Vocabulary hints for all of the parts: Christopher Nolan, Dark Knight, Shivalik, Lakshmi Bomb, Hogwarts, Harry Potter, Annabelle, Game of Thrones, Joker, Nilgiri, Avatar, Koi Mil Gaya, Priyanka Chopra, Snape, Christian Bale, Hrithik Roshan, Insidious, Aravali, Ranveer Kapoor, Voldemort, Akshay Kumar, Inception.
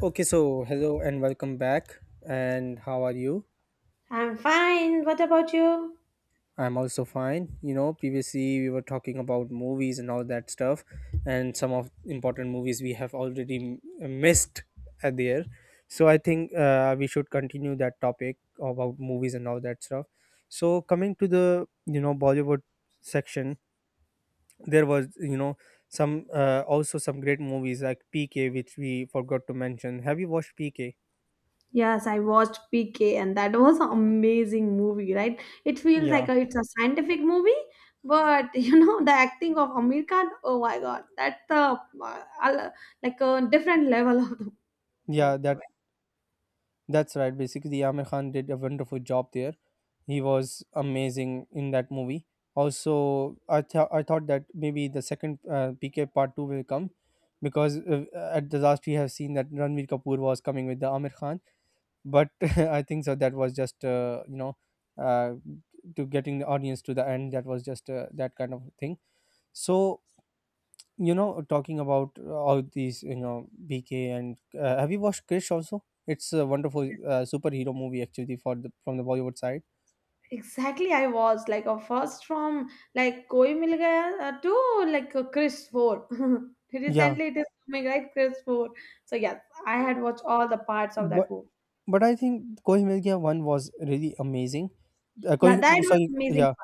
Okay, so hello and welcome back. And how are you? I'm fine. What about you? I'm also fine. You know, previously we were talking about movies and all that stuff, and some of important movies we have already missed there. So I think we should continue that topic about movies and all that stuff. So coming to the Bollywood section, there was some also some great movies like PK, which we forgot to mention. Have you watched PK? Yes, I watched PK and that was an amazing movie, right? It feels Yeah, it's a scientific movie, but the acting of Amir Khan, oh my god, that's uh, al- like a different level of the yeah, character, that right? That's right. Basically, Amir Khan did a wonderful job there. He was amazing in that movie. Also, I thought that maybe the second PK part two will come, because at the last we have seen that Ranveer Kapoor was coming with the Amir Khan, but I think so that was just uh, to getting the audience to the end. That was just that kind of thing. So talking about all these bk, and have you watched Krish also? It's a wonderful superhero movie actually for the from the Bollywood side. Exactly, I was like a first from like Koi Mil Gaya to like Chris 4. Yeah, Recently, it is coming right, Chris 4. So yes, I had watched all the parts of that but movie. but I think Koi Mil Gaya one was really amazing. Yeah, that was Sorry. amazing. Yeah,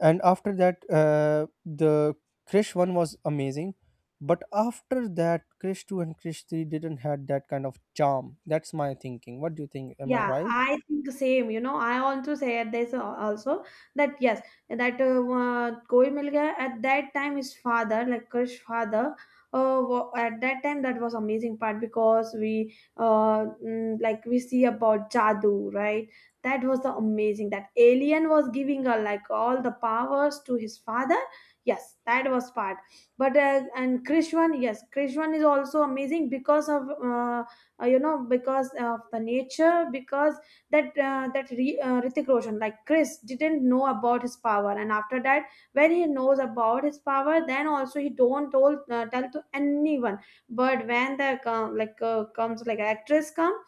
and after that the Krish one was amazing, but after that Krish 2 and Krish 3 didn't had that kind of charm. That's my thinking. What do you think? Am I Yeah, right? I think the same. You know, I also said this also, that yes, that Koi Mil Gaya, at that time his father, like Krish father, at that time, that was amazing part because we like we see about Jadoo, right? That was the amazing that alien was giving her like all the powers to his father. Yes, that was part. But and Krish one, yes, Krish one is also amazing because of because of the nature, because Hrithik Roshan like Chris didn't know about his power, and after that when he knows about his power then also he don't told tell to anyone. But when the like comes, like actress come,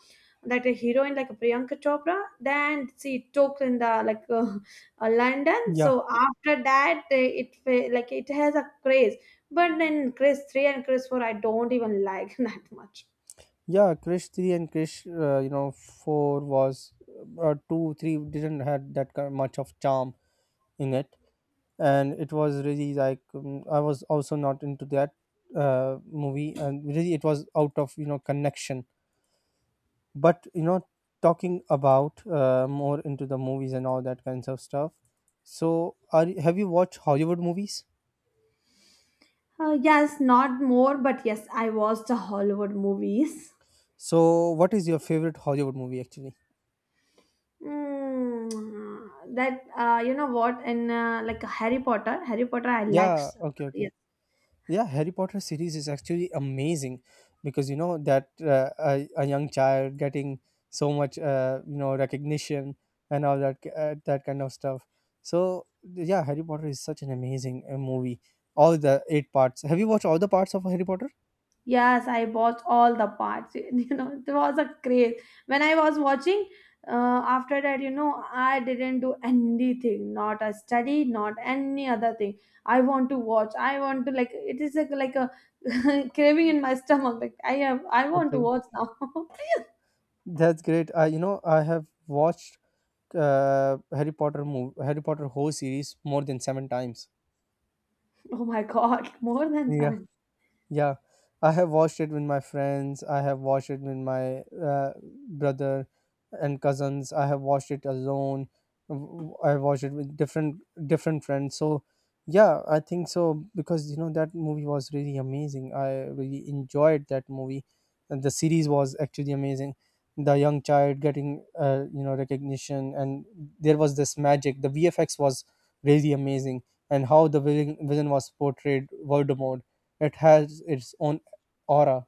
that a heroine like Priyanka Chopra, then she took in the like London. Yeah. So after that like it has a craze, but then Chris 3 and Chris 4 I don't even like that much. Yeah, Krish 3 and Krish, 4 was, 2, 3 didn't had that kind much of charm in it. And it was really like, I was also not into that movie. And really, it was out of connection. But, talking about more into the movies and all that kinds of stuff. So, have you watched Hollywood movies? Yes, not more, but yes, I watched the Hollywood movies. So, what is your favorite Hollywood movie actually? Mm, that You know what? And like Harry Potter, Harry Potter, I liked. Yeah, okay, Yes, okay. Yeah, Harry Potter series is actually amazing because that a young child getting so much recognition, and all that that kind of stuff. So yeah, Harry Potter is such an amazing movie. All the eight parts. Have you watched all the parts of Harry Potter? yes, I watched all the parts. You know, it was a craze. When I was watching, after that, I didn't do anything, not a study, not any other thing. I want to watch. I want to like. It is like a craving in my stomach. Like I have. I want to Okay, watch now. that's great. I have watched Harry Potter movie, Harry Potter whole series more than seven times. Oh my god, more than Yeah. seven. Yeah, I have watched it with my friends. I have watched it with my brother and cousins. I have watched it alone. I watched it with different friends. So yeah, I think so because that movie was really amazing. I really enjoyed that movie. And the series was actually amazing. The young child getting recognition, and there was this magic. The VFX was really amazing, and how the villain was portrayed Voldemort, it has its own aura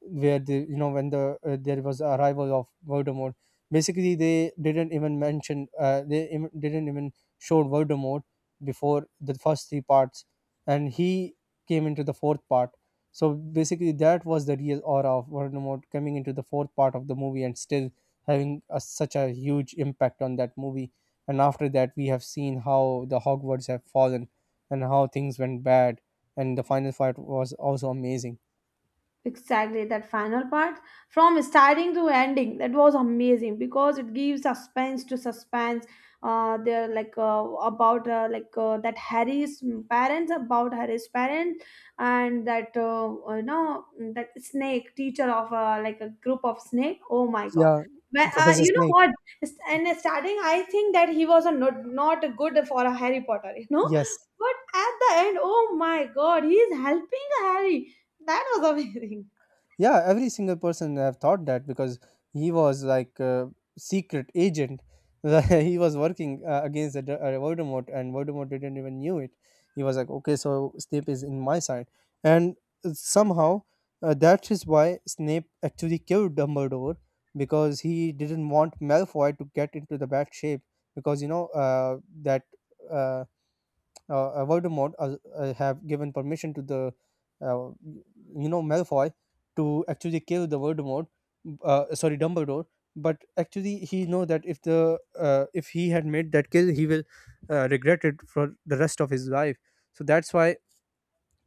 where the you know when the there was arrival of Voldemort. Basically, they didn't even mention, they even didn't even show Voldemort before the first three parts, and he came into the fourth part. So basically, that was the real aura of Voldemort coming into the fourth part of the movie and still having such a huge impact on that movie. And after that, we have seen how the Hogwarts have fallen, and how things went bad, and the final fight was also amazing. Exactly, that final part from starting to ending, that was amazing because it gives suspense to suspense. They're like about like that Harry's parents about Harry's parents, and that you know that snake teacher of like a group of snake. Oh my god. Yeah, Professor You know Snape. what? And starting, I think that he was a not good for a Harry Potter. Yes. But at the end, oh my god, he is helping Harry, that was amazing. Yeah, every single person have thought that, because he was like a secret agent. He was working against the Voldemort, and Voldemort didn't even knew it. He was like, okay, so Snape is in my side, and somehow, that is why Snape actually killed Dumbledore, because he didn't want Malfoy to get into the bad shape, because that. Uh, Voldemort have given permission to the uh, Malfoy to actually kill the Voldemort, sorry, Dumbledore. But actually, he know that if he had made that kill, he will regret it for the rest of his life. So that's why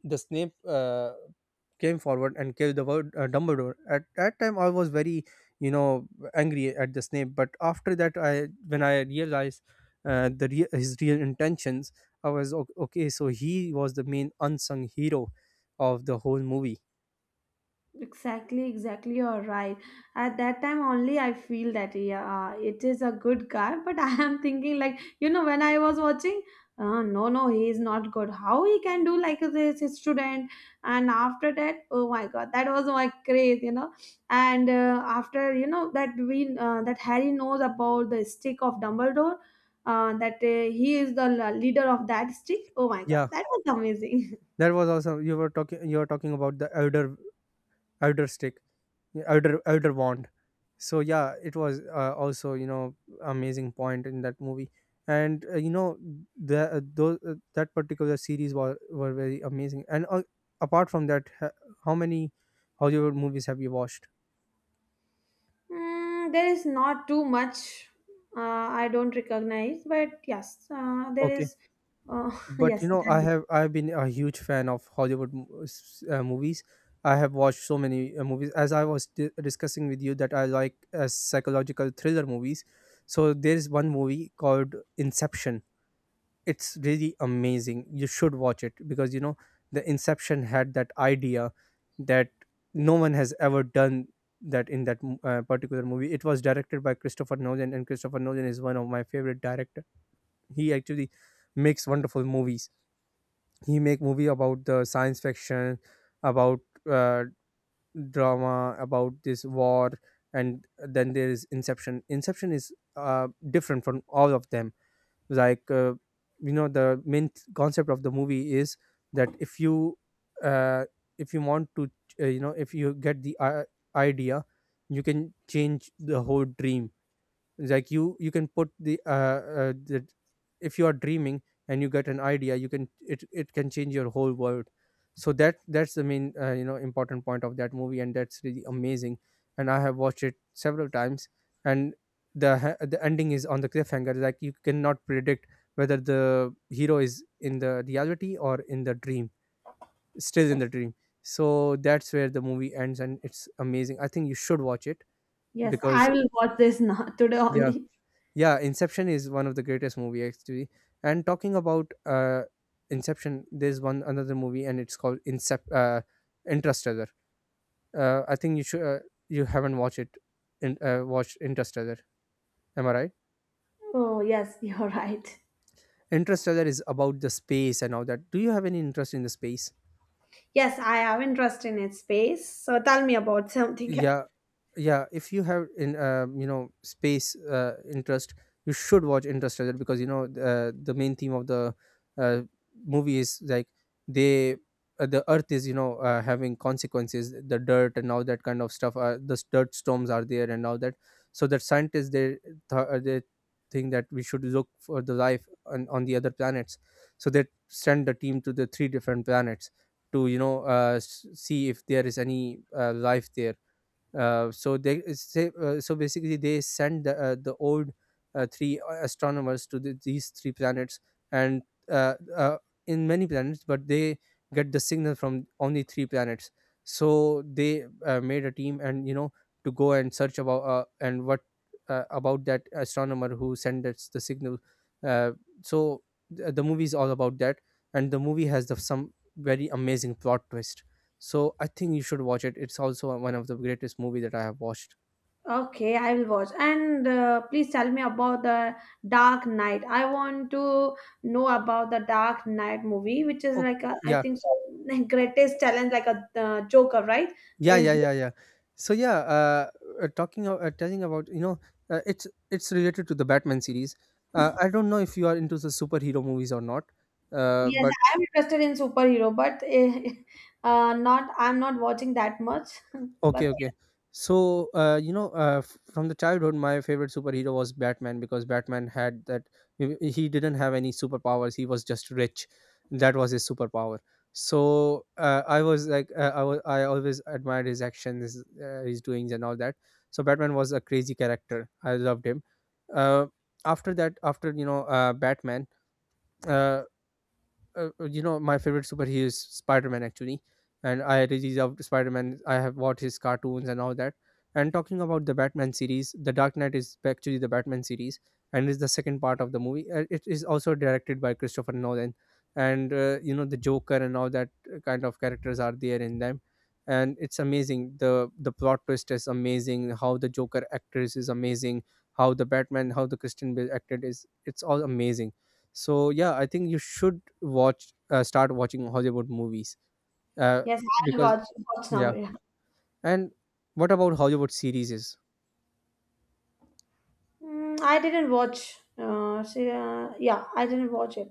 the Snape came forward and gave the word Dumbledore. At that time, I was very, you know, angry at the Snape. But after that, I when I realized the rea his real intentions, I was, Okay. So he was the main unsung hero of the whole movie." Exactly, exactly. You're right. At that time only, I feel that yeah, it is a good guy. But I am thinking like when I was watching, no, no, he is not good. How he can do like this his student? And after that, oh my God, that was my craze. And after you know that we that Harry knows about the stick of Dumbledore, that he is the leader of that stick. Oh my God, Yeah, that was amazing. that was also you were talking about the elder stick, elder wand. So yeah, it was also amazing point in that movie, and the those that particular series were very amazing. And apart from that, how many Hollywood movies have you watched? There is not too much, I don't recognize, but yes, there Okay. is. Uh, But yes, i have i've been a huge fan of Hollywood movies. I have watched so many movies, as I was discussing with you, that I like psychological thriller movies. So there's one movie called Inception. It's really amazing, you should watch it, because the Inception had that idea that no one has ever done, that in that particular movie. It was directed by Christopher Nolan, and Christopher Nolan is one of my favorite director. He actually makes wonderful movies. He make movie about the science fiction, about uh, drama, about this war. And then there is Inception. Inception is different from all of them. Like, the main concept of the movie is that uh, if you want to, if you get the idea, you can change the whole dream. Like, you can put the that, if you are dreaming and you get an idea, you can it it can change your whole world. So that's the main important point of that movie, and that's really amazing. And I have watched it several times. And the ending is on the cliffhanger, like, you cannot predict whether the hero is in the reality or in the dream, still in the dream. So that's where the movie ends, and it's amazing. I think you should watch it, Yes, I because will watch this now today yeah. only. Yeah, Inception is one of the greatest movie actually. And talking about Inception, there's one another movie, and it's called Interstellar. I think you should you haven't watched it in watched Interstellar, am I right? Oh, yes, you're right. Interstellar is about the space and all that. Do you have any interest in the space? Yes, I have interest in its space. So tell me about something. Yeah. Yeah, if you have in space interest, you should watch Interstellar, because the main theme of the uh, movie is like, they, the earth is, having consequences, the dirt and all that kind of stuff, the dirt storms are there and all that. So that scientists, they they think that we should look for the life on the other planets. So they send the team to the three different planets to see if there is any life there. So they, say, so basically, they sent the old three astronomers to these three planets. And uh, uh, in many planets, but they get the signal from only three planets. So they made a team, and to go and search about and what about that astronomer who sent us the signal. Uh, so the movie is all about that, and the movie has some very amazing plot twist. So I think you should watch it. It's also one of the greatest movie that I have watched. Okay, I will watch. And please tell me about the Dark Knight. I want to know about the Dark Knight movie, which is Oh, I yeah, think so, greatest challenge, like a Joker, right? yeah, yeah, yeah, yeah. So yeah, telling about, it's related to the Batman series. I don't know if you are into the superhero movies or not, Yes, but... I am interested in superhero, but not I'm not watching that much. Okay, But okay. So, from the childhood, my favorite superhero was Batman, because Batman had that. He didn't have any superpowers. He was just rich. That was his superpower. So I was like, I always admired his actions, his doings, and all that. So Batman was a crazy character. I loved him. Uh, After that, after Batman. Uh, you know my favorite superhero is Spider-Man actually, and I really love Spider-Man. I have watched his cartoons and all that. And talking about the Batman series, The Dark Knight is actually the Batman series and is the second part of the movie. It is also directed by Christopher Nolan, and you know the Joker and all that kind of characters are there in them. And it's amazing. The plot twist is amazing, how the Joker actress is amazing, how the Batman, how the Christian Bale acted is, it's all amazing. So yeah, I think you should watch start watching Hollywood movies, uh, yes, I'll because watch now. yeah. Yeah. And what about Hollywood series? Is I didn't watch. See, yeah, I didn't watch it.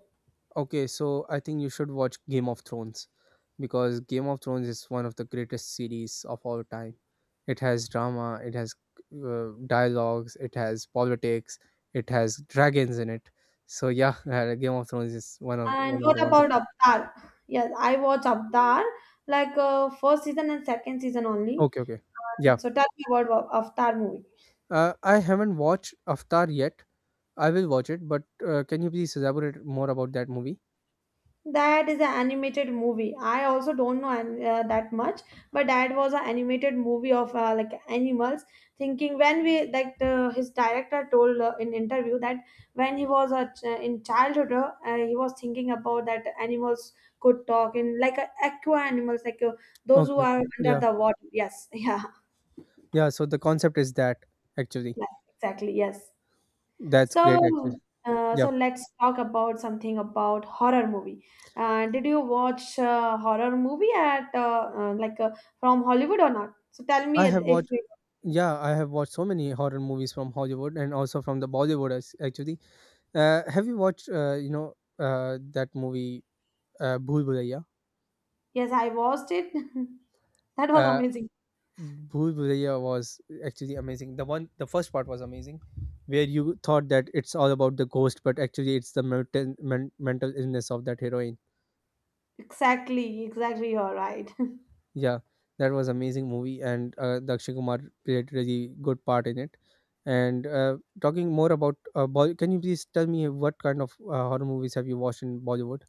okay. So I think you should watch Game of Thrones because Game of Thrones is one of the greatest series of all time. It has drama, it has dialogues, it has politics, it has dragons in it. So yeah, Game of Thrones is one of And one of what the about wonderful. Avatar? Yes, I watched Avatar like first season and second season only. Okay, okay, yeah. So tell me about Avatar movie. I haven't watched Avatar yet. I will watch it, but can you please elaborate more about that movie? That is an animated movie. I also don't know that much, but that was an animated movie of like animals. Thinking when we like his director told in interview that when he was a in childhood, he was thinking about that animals could talk in like aqua animals, like those who Okay, are okay. under Yeah. the water. Yes, yeah, Yeah, so the concept is that actually. yeah, exactly. Yes. That's great actually. So, uh, Yeah. so let's talk about something about horror movie. Did you watch horror movie at like from Hollywood or not? So tell me I if have if watched, you. yeah, I have watched so many horror movies from Hollywood and also from the Bollywood as- actually. Have you watched you know that movie Bhool Bhulaiya? Yes, I watched it. That was Uh, amazing. Bhool Bhulaiya was actually amazing. The first part was amazing, where you thought that it's all about the ghost, but actually it's the mental, men, mental illness of that heroine. Exactly, exactly. You're right. Yeah, that was amazing movie, and the Akshay Kumar played really good part in it. And talking more about Bollywood, can you please tell me what kind of horror movies have you watched in Bollywood?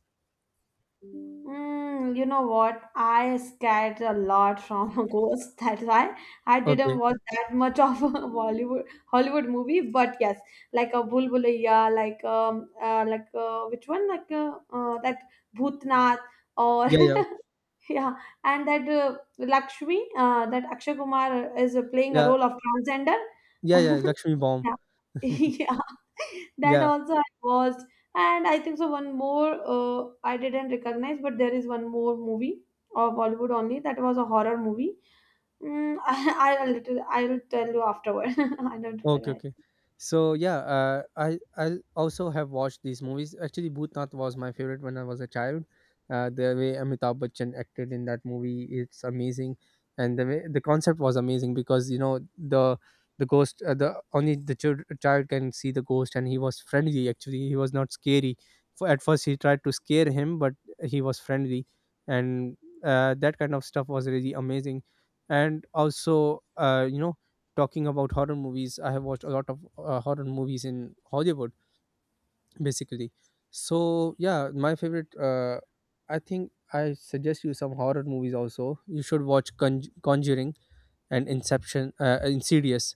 You know what? I scared a lot from a ghost. That's why I didn't Okay, watch that much of a Bollywood Hollywood movie. But yes, like a Bulbulaya, like which one? Like that Bhutnath, or yeah, yeah, yeah, and that Lakshmi, that Akshay Kumar is playing a yeah, role of transgender. yeah, yeah. Lakshmi Bomb, Yeah. Yeah. That yeah. also I watched. And I think so one more, I didn't recognize, but there is one more movie of Bollywood only that was a horror movie. I, I'll little I'll tell you afterward. I don't Okay, recognize. okay. So yeah, I also have watched these movies. Actually, Bhutnath was my favorite when I was a child. The way Amitabh Bachchan acted in that movie, it's amazing, and the way, the concept was amazing, because you know the the only the child, child can see the ghost, and he was friendly. Actually, he was not scary. For at first, he tried to scare him, but he was friendly, and that kind of stuff was really amazing. And also, you know, talking about horror movies, I have watched a lot of horror movies in Hollywood, basically. So yeah, my favorite. I think I suggest you some horror movies also. You should watch Conjuring and Inception, Insidious.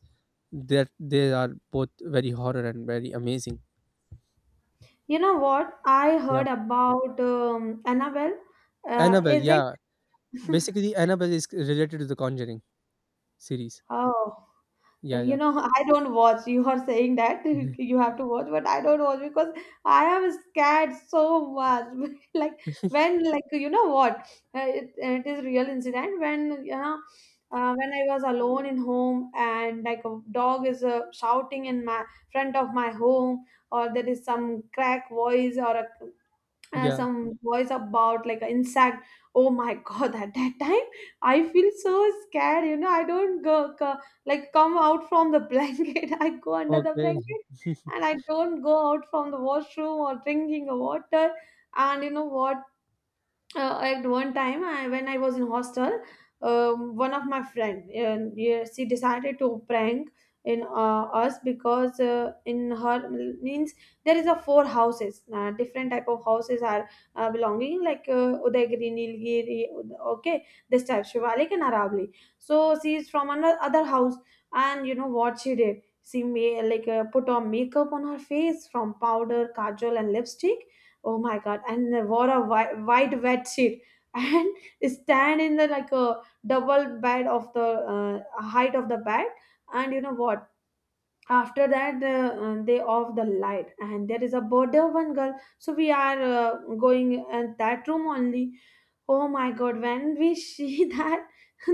That they are both very horror and very amazing. You know what? I Yeah, heard about Annabelle. Annabelle. Is it? Yeah, basically Annabelle is related to the Conjuring series. Oh. Yeah, yeah, I don't watch. You are saying that you have to watch, but I don't watch because I am scared so much. Like like you know what, it is real incident. When when I was alone in home, and like a dog is shouting in my front of my home, or there is some crack voice or a yeah. some voice about like an insect. Oh my god, at that time I feel so scared. You know, I don't go like come out from the blanket, I go under the Okay. blanket. And I don't go out from the washroom or drinking a water. And you know what, at one time, when I was in hostel, one of my friend, yeah, she decided to prank in us because in her means there is a four houses, different type of houses are belonging, like Udaygiri, Nilgiri, okay, this type, Shivalik and Aravali. So she is from another other house, and you know what she did? She made like put on makeup on her face from powder, kajal, and lipstick. Oh my god, and they wore a white, white wet sheet and stand in the like a double bed of the height of the bed. And you know what, after that they off the light, and there is a border one girl, so we are going at that room only. Oh my god, when we see that,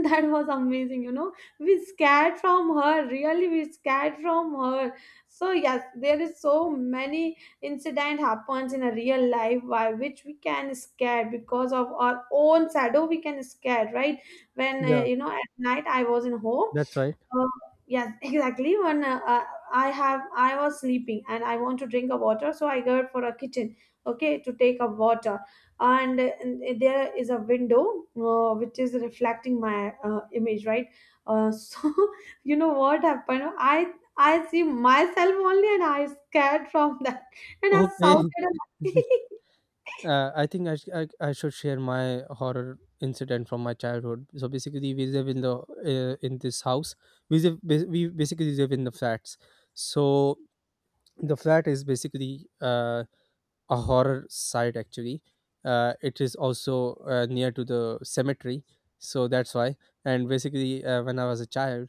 that was amazing. We scared from her, really we scared from her. So yes, there is so many incident happens in a real life, by which we can scare. Because of our own shadow we can scare, right? When Yeah, at night I was in home. that's right. uh, yes, exactly. When I was sleeping and I want to drink a water, so I go for a kitchen, okay, to take a water. And there is a window which is reflecting my image, right? So you know what happened? I see myself only, and I scared from that, and I Okay. shouted. I think I, sh- I should share my horror incident from my childhood. So basically, we live in the in this house. We live, we basically live in the flats. So the flat is basically a horror site. Actually, it is also near to the cemetery. So that's why. And basically, when I was a child,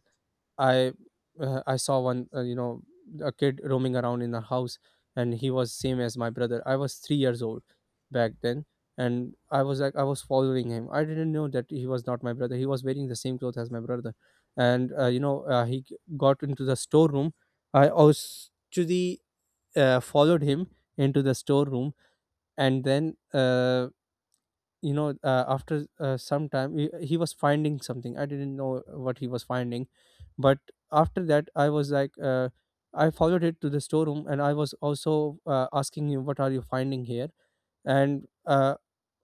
I I saw one you know a kid roaming around in our house, and he was same as my brother. I was 3 years old back then, and I was like I was following him. I didn't know that he was not my brother. He was wearing the same clothes as my brother, and you know he got into the storeroom. I actually followed him into the storeroom, and then you know after some time, he was finding something. I didn't know what he was finding, but after that I was like, I followed it to the storeroom, and I was also asking him, what are you finding here? And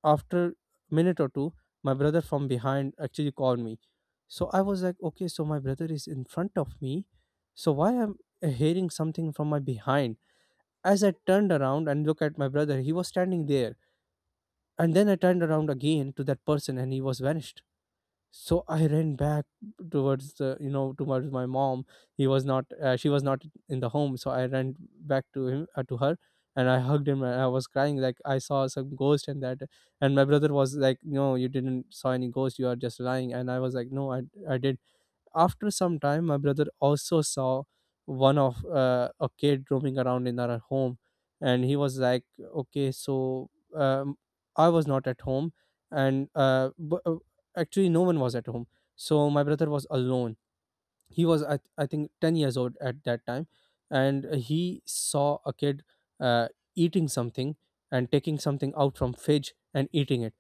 after minute or two, my brother from behind actually called me. So I was like, okay, so my brother is in front of me, so why am I hearing something from my behind? As I turned around and looked at my brother, he was standing there, and then I turned around again to that person, and he was vanished. So I ran back towards the, you know, towards my mom. He was not, she was not in the home. So I ran back to him, to her, and I hugged him, and I was crying like I saw some ghost and that. And my brother was like, no, you didn't saw any ghost. You are just lying. And I was like, no, I did. After some time, my brother also saw one of a kid roaming around in our home, and he was like, "Okay, so um, I was not at home, and actually, no one was at home, so my brother was alone." He was, I think 10 years old at that time, and he saw a kid uh, eating something and taking something out from fridge and eating it.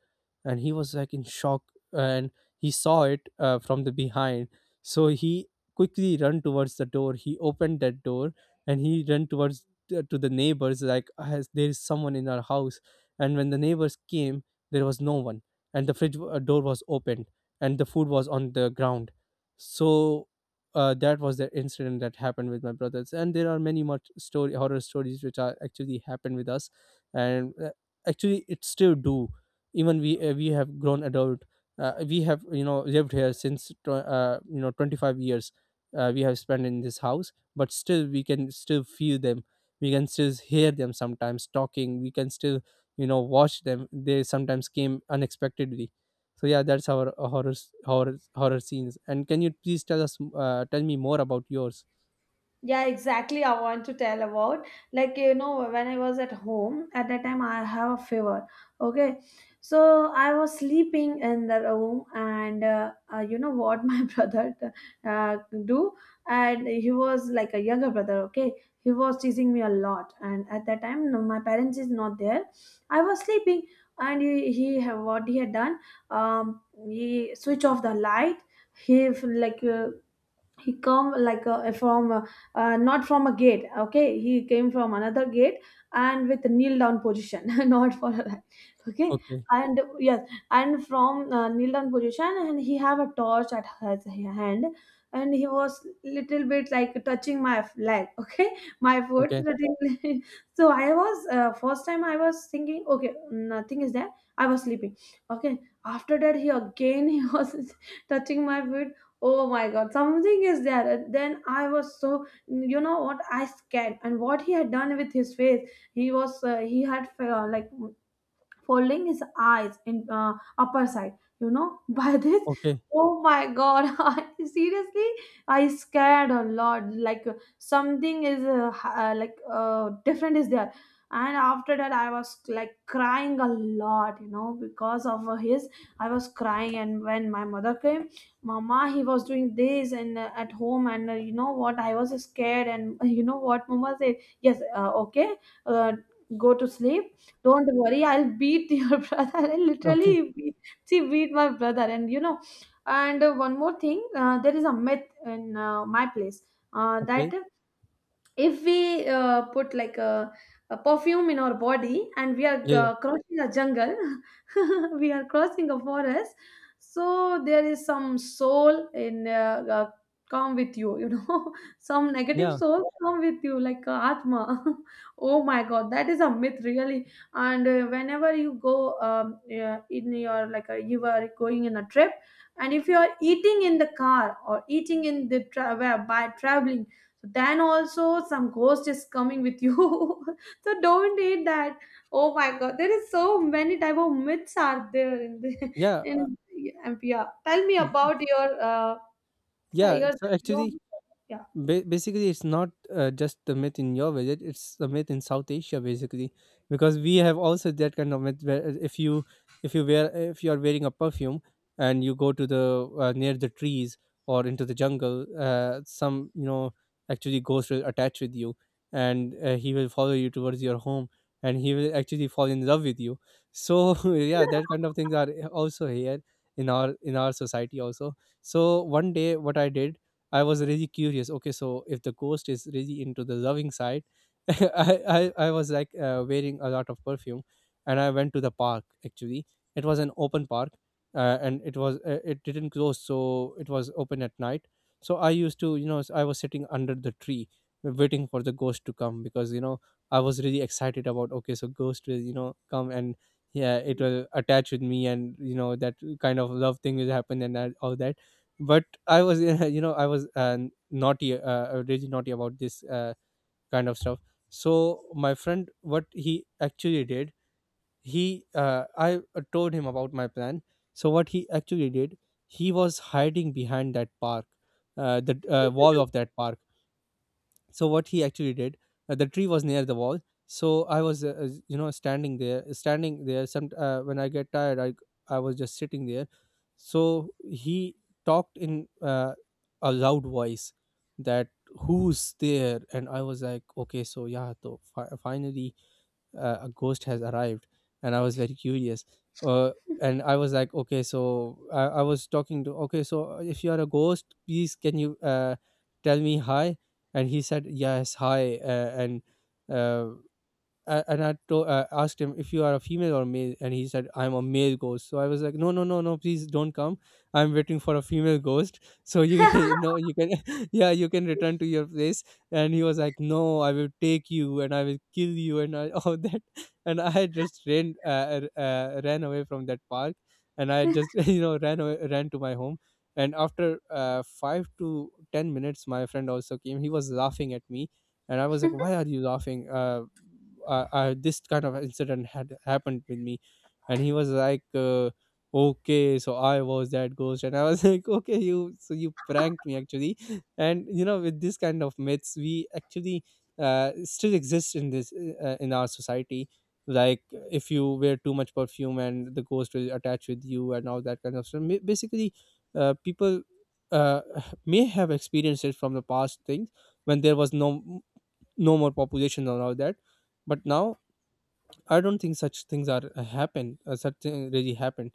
And he was like in shock, and he saw it from the behind. So he quickly run towards the door, he opened that door, and he ran to the neighbors like, "Has- there is someone in our house." And when the neighbors came, there was no one, and the fridge door was opened, and the food was on the ground. So that was the incident that happened with my brothers, and there are many much story horror stories which are actually happened with us. And actually it still do. Even we we have grown adult, we have, you know, lived here since you know 25 years we have spent in this house, but still we can still feel them, we can still hear them sometimes talking, we can still, you know, watch them, they sometimes came unexpectedly. So yeah, that's our horror horror scenes. And can you please tell us, tell me more about yours? Yeah, exactly. I want to tell about like when I was at home, at that time I have a fever. Okay, so I was sleeping in the room, and you know what my brother uh, do, and he was like a younger brother. Okay, he was teasing me a lot, and at that time no, my parents is not there. I was sleeping, and he have what he had done, um he switch off the light. He like he come like from not from a gate. Okay, he came from another gate and with kneel down position, not for a- okay. Okay, And yes, and from kneel down position, and he have a torch at his hand, and he was little bit like touching my leg, okay, my okay, so I was first time I was thinking okay, nothing is there, I was sleeping. Okay, after that he again he was touching my foot. Oh my god, something is there. And then I was so, you know what, I scared. And what he had done with his face, he was he had like folding his eyes in upper side, you know, by this. okay, Oh my god, seriously I scared a lot, like like different is there. And after that I was like crying a lot, you know, because of his, I was crying. And when my mother came, mama, he was doing this and at home. And you know what I was scared. And you know what mama said, yes, okay, uh, go to sleep, don't worry, I'll beat your brother. I okay, literally beat, she beat my brother, and you know. And one more thing, there is a myth in my place, okay. that if we put like a perfume in our body and we are Yeah, yeah, crossing a jungle, we are crossing a forest, so there is some soul in come with you, you know, some negative yeah, soul come with you, like atma. oh my god, that is a myth, really. And whenever you go, yeah, in your, like you are going in a trip, and if you are eating in the car or eating in the by traveling, so then also some ghost is coming with you. so don't eat that. Oh my god, there is so many type of myths are there in the, yeah. In MPR. Tell me about your Yeah. your, So your actually, yeah. Basically it's not just the myth in your village, it's the myth in South Asia basically, because we have also that kind of myth where if you wear, if you are wearing a perfume and you go to the near the trees or into the jungle, some, you know, actually ghost will attach with you, and he will follow you towards your home, and he will actually fall in love with you. So yeah, that kind of things are also here in our society also. So one day what I did, I was really curious. Okay, so if the ghost is really into the loving side, I was like wearing a lot of perfume, and I went to the park. Actually, it was an open park, and it was it didn't close, so it was open at night. So I used to, you know, I was sitting under the tree, waiting for the ghost to come, because you know I was really excited about. Okay, so ghost will, you know, come, and yeah, it will attach with me, and you know that kind of love thing will happen and that, all that. But I was you know I was naughty, really naughty about this kind of stuff. So my friend, what he actually did, he I told him about my plan. So what he actually did, he was hiding behind that park, the wall of that park. So what he actually did, the tree was near the wall. So I was you know standing there, some when I get tired, I was just sitting there. So he talked in a loud voice that, who's there? And I was like, okay, so yeah, so finally a ghost has arrived, and I was very curious. uh, and I was like, okay, so I was talking to, okay, so if you are a ghost, please can you tell me hi. And he said yes, hi. Uh, and I asked him, if you are a female or male? And he said, I'm a male ghost. So I was like, no, no, no, no, please don't come. I'm waiting for a female ghost. So you, you know, you can, yeah, you can return to your place. And he was like, no, I will take you and I will kill you and I, all that. And I just ran, ran away from that park, and I just you know ran away, ran to my home. And after 5 to 10 minutes, my friend also came. He was laughing at me and I was like, why are you laughing? This kind of incident had happened with me. And he was like, okay, so I was that ghost. And I was like, okay, you, so you pranked me actually. And you know, with this kind of myths, we actually still exist in this in our society. Like, if you wear too much perfume, and the ghost will attach with you and all that kind of stuff. Basically people uh, may have experienced it from the past things, when there was no no more population and all that. But now, I don't think such things are happen, such thing really happened.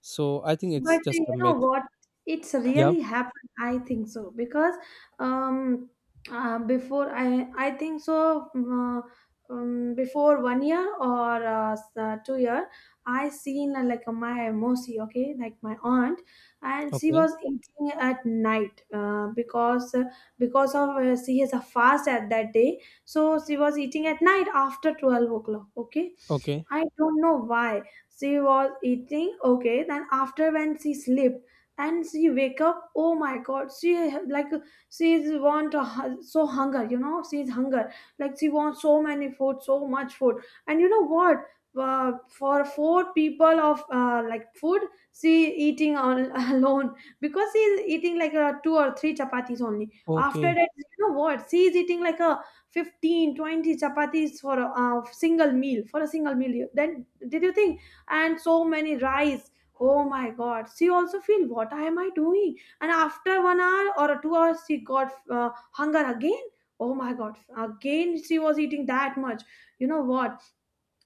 So I think it's But just you a know myth. what? It's Yeah. really happened, I think so, because um, before I think so before 1 year or 2 year, I seen like my mosi, okay, like my aunt. And she Okay, was eating at night because of she has a fast at that day, so she was eating at night after 12 o'clock, okay. okay, I don't know why. She was eating okay, then after when she slept and she wake up, oh my god, like she is want a so hunger, you know, she is hunger. Like she wants so many food, so much food. And you know what? For four people of like food, she alone, because she is eating like two or three chapatis only. After okay, that, you know what? She is eating like a 15 20 chapatis for a single meal, for a single meal. You- then did you think, and so many rice. Oh my god, she also feel what am I doing. And after 1 hour or 2 hours, she got hunger again. Oh my god, again she was eating that much. You know what,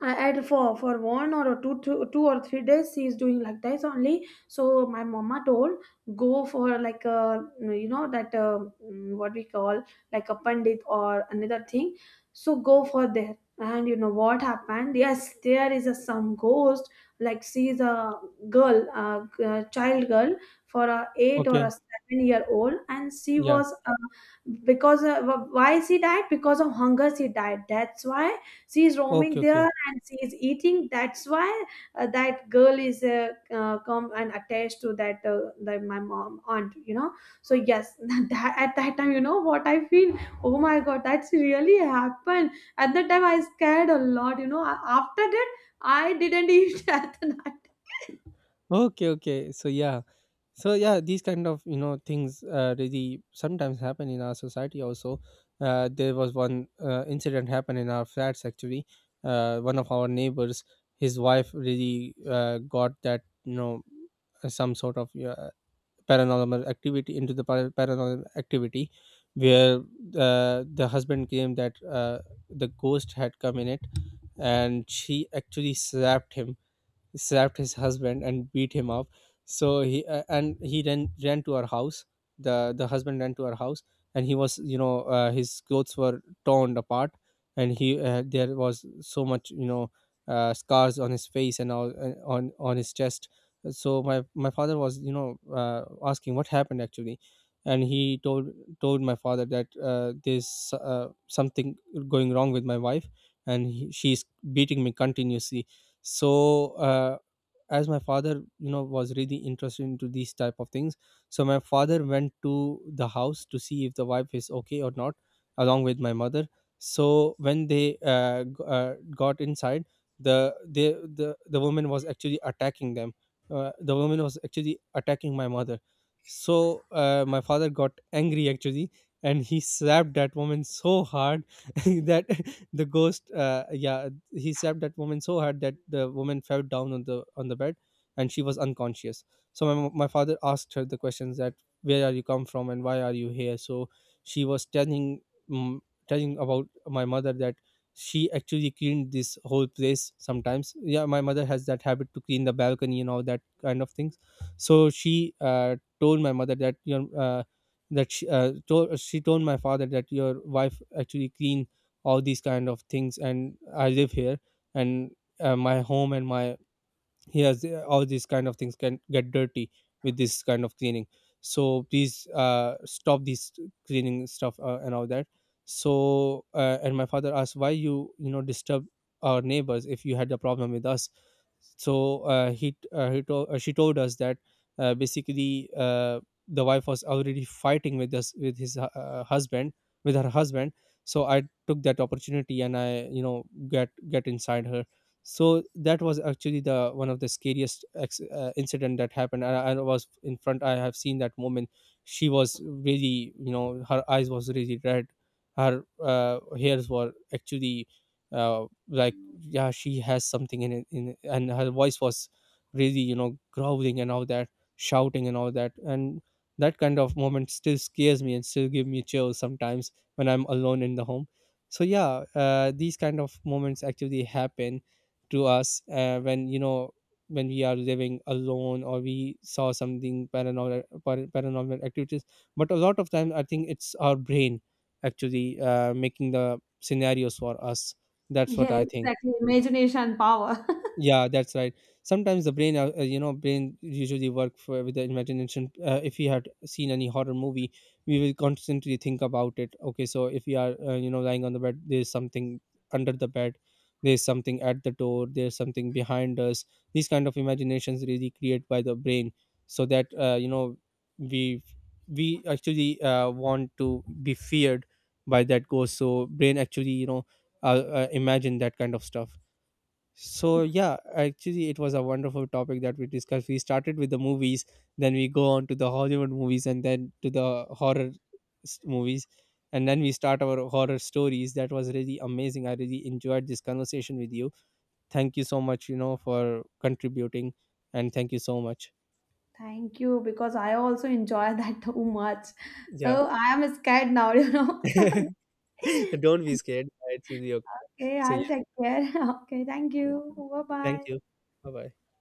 I had for one or two, two, 2 or 3 days she is doing like this only. So my mama told go for like a, you know, that what we call like a pandit or another thing, so go for there. And you know what happened? Yes, there is a some ghost, like she is a child girl for a 8 or a okay. 7-year old. And she Yeah, was why she died, because of hunger she died, that's why she is roaming okay, there okay, and she is eating, that's why that girl is come and attached to that my mom aunt, you know. So yes, that, at that time, you know what I feel, oh my god, that's really happened. At that time I scared a lot, you know. After that I didn't eat at the night. okay, okay. So yeah, these kind of, you know, things really sometimes happen in our society also. There was one incident happened in our flats actually. One of our neighbors, his wife really got that, you know, some sort of, yeah, paranormal activity into the paranormal activity, where the husband claimed that the ghost had come in it and she actually slapped him, slapped his husband and beat him up. So he and he then ran to our house. The husband ran to our house, and he was, you know, his clothes were torn apart, and he there was so much, you know, scars on his face and all, and on his chest. So my father was, you know, asking what happened actually. And he told, told my father that there's something going wrong with my wife, and she's beating me continuously. So as my father, you know, was really interested into these type of things, so my father went to the house to see if the wife is okay or not, along with my mother. So when they got inside, the woman was actually attacking them. The woman was actually attacking my mother. So my father got angry actually, and he slapped that woman so hard that the ghost yeah, he slapped that woman so hard that the woman fell down on the bed, and she was unconscious. So my father asked her the questions that, where are you come from and why are you here? So she was telling, mm, telling about my mother that she actually cleaned this whole place sometimes. Yeah, my mother has that habit to clean the balcony and all that kind of things. So she told my mother that, you know, that she told my father that your wife actually clean all these kind of things, and I live here, and my home and my, yes, all these kind of things can get dirty with this kind of cleaning. So please stop this cleaning stuff and all that. So and my father asked, why you, you know, disturb our neighbors if you had a problem with us? So he told, she told us that basically the wife was already fighting with us with his hu- husband with her husband. So I took that opportunity, and I, you know, get inside her. So that was actually the one of the scariest incident that happened, and I was in front, I have seen that moment. She was really, you know, her eyes was really red, her hairs were actually like, yeah, she has something in it. And her voice was really, you know, growling and all that, shouting and all that. And that kind of moment still scares me and still give me chills sometimes when I'm alone in the home. So yeah, these kind of moments actually happen to us, when, you know, when we are living alone, or we saw something paranormal, paranormal activities. But a lot of time I think it's our brain actually making the scenarios for us. That's Yeah, what I think. exactly, imagination power. Yeah, that's right. Sometimes the brain you know, brain usually work for, with the imagination. If we had seen any horror movie, we will constantly think about it. Okay, so if we are you know, lying on the bed, there's something under the bed, there's something at the door, there's something behind us. These kind of imaginations really create by the brain, so that you know, we we actually want to be feared by that ghost. So brain actually, you know, uh, imagine that kind of stuff. So yeah, actually it was a wonderful topic that we discussed. We started with the movies, then we go on to the Hollywood movies, and then to the horror movies, and then we start our horror stories. That was really amazing. I really enjoyed this conversation with you. Thank you so much, you know, for contributing, and thank you so much. Thank you, because I also enjoy that too much. Yeah. So I am scared now, you know. So Don't be scared. It's really okay. okay, So I'll yeah, take care. Okay, thank you. Bye thank bye. you. Bye-bye.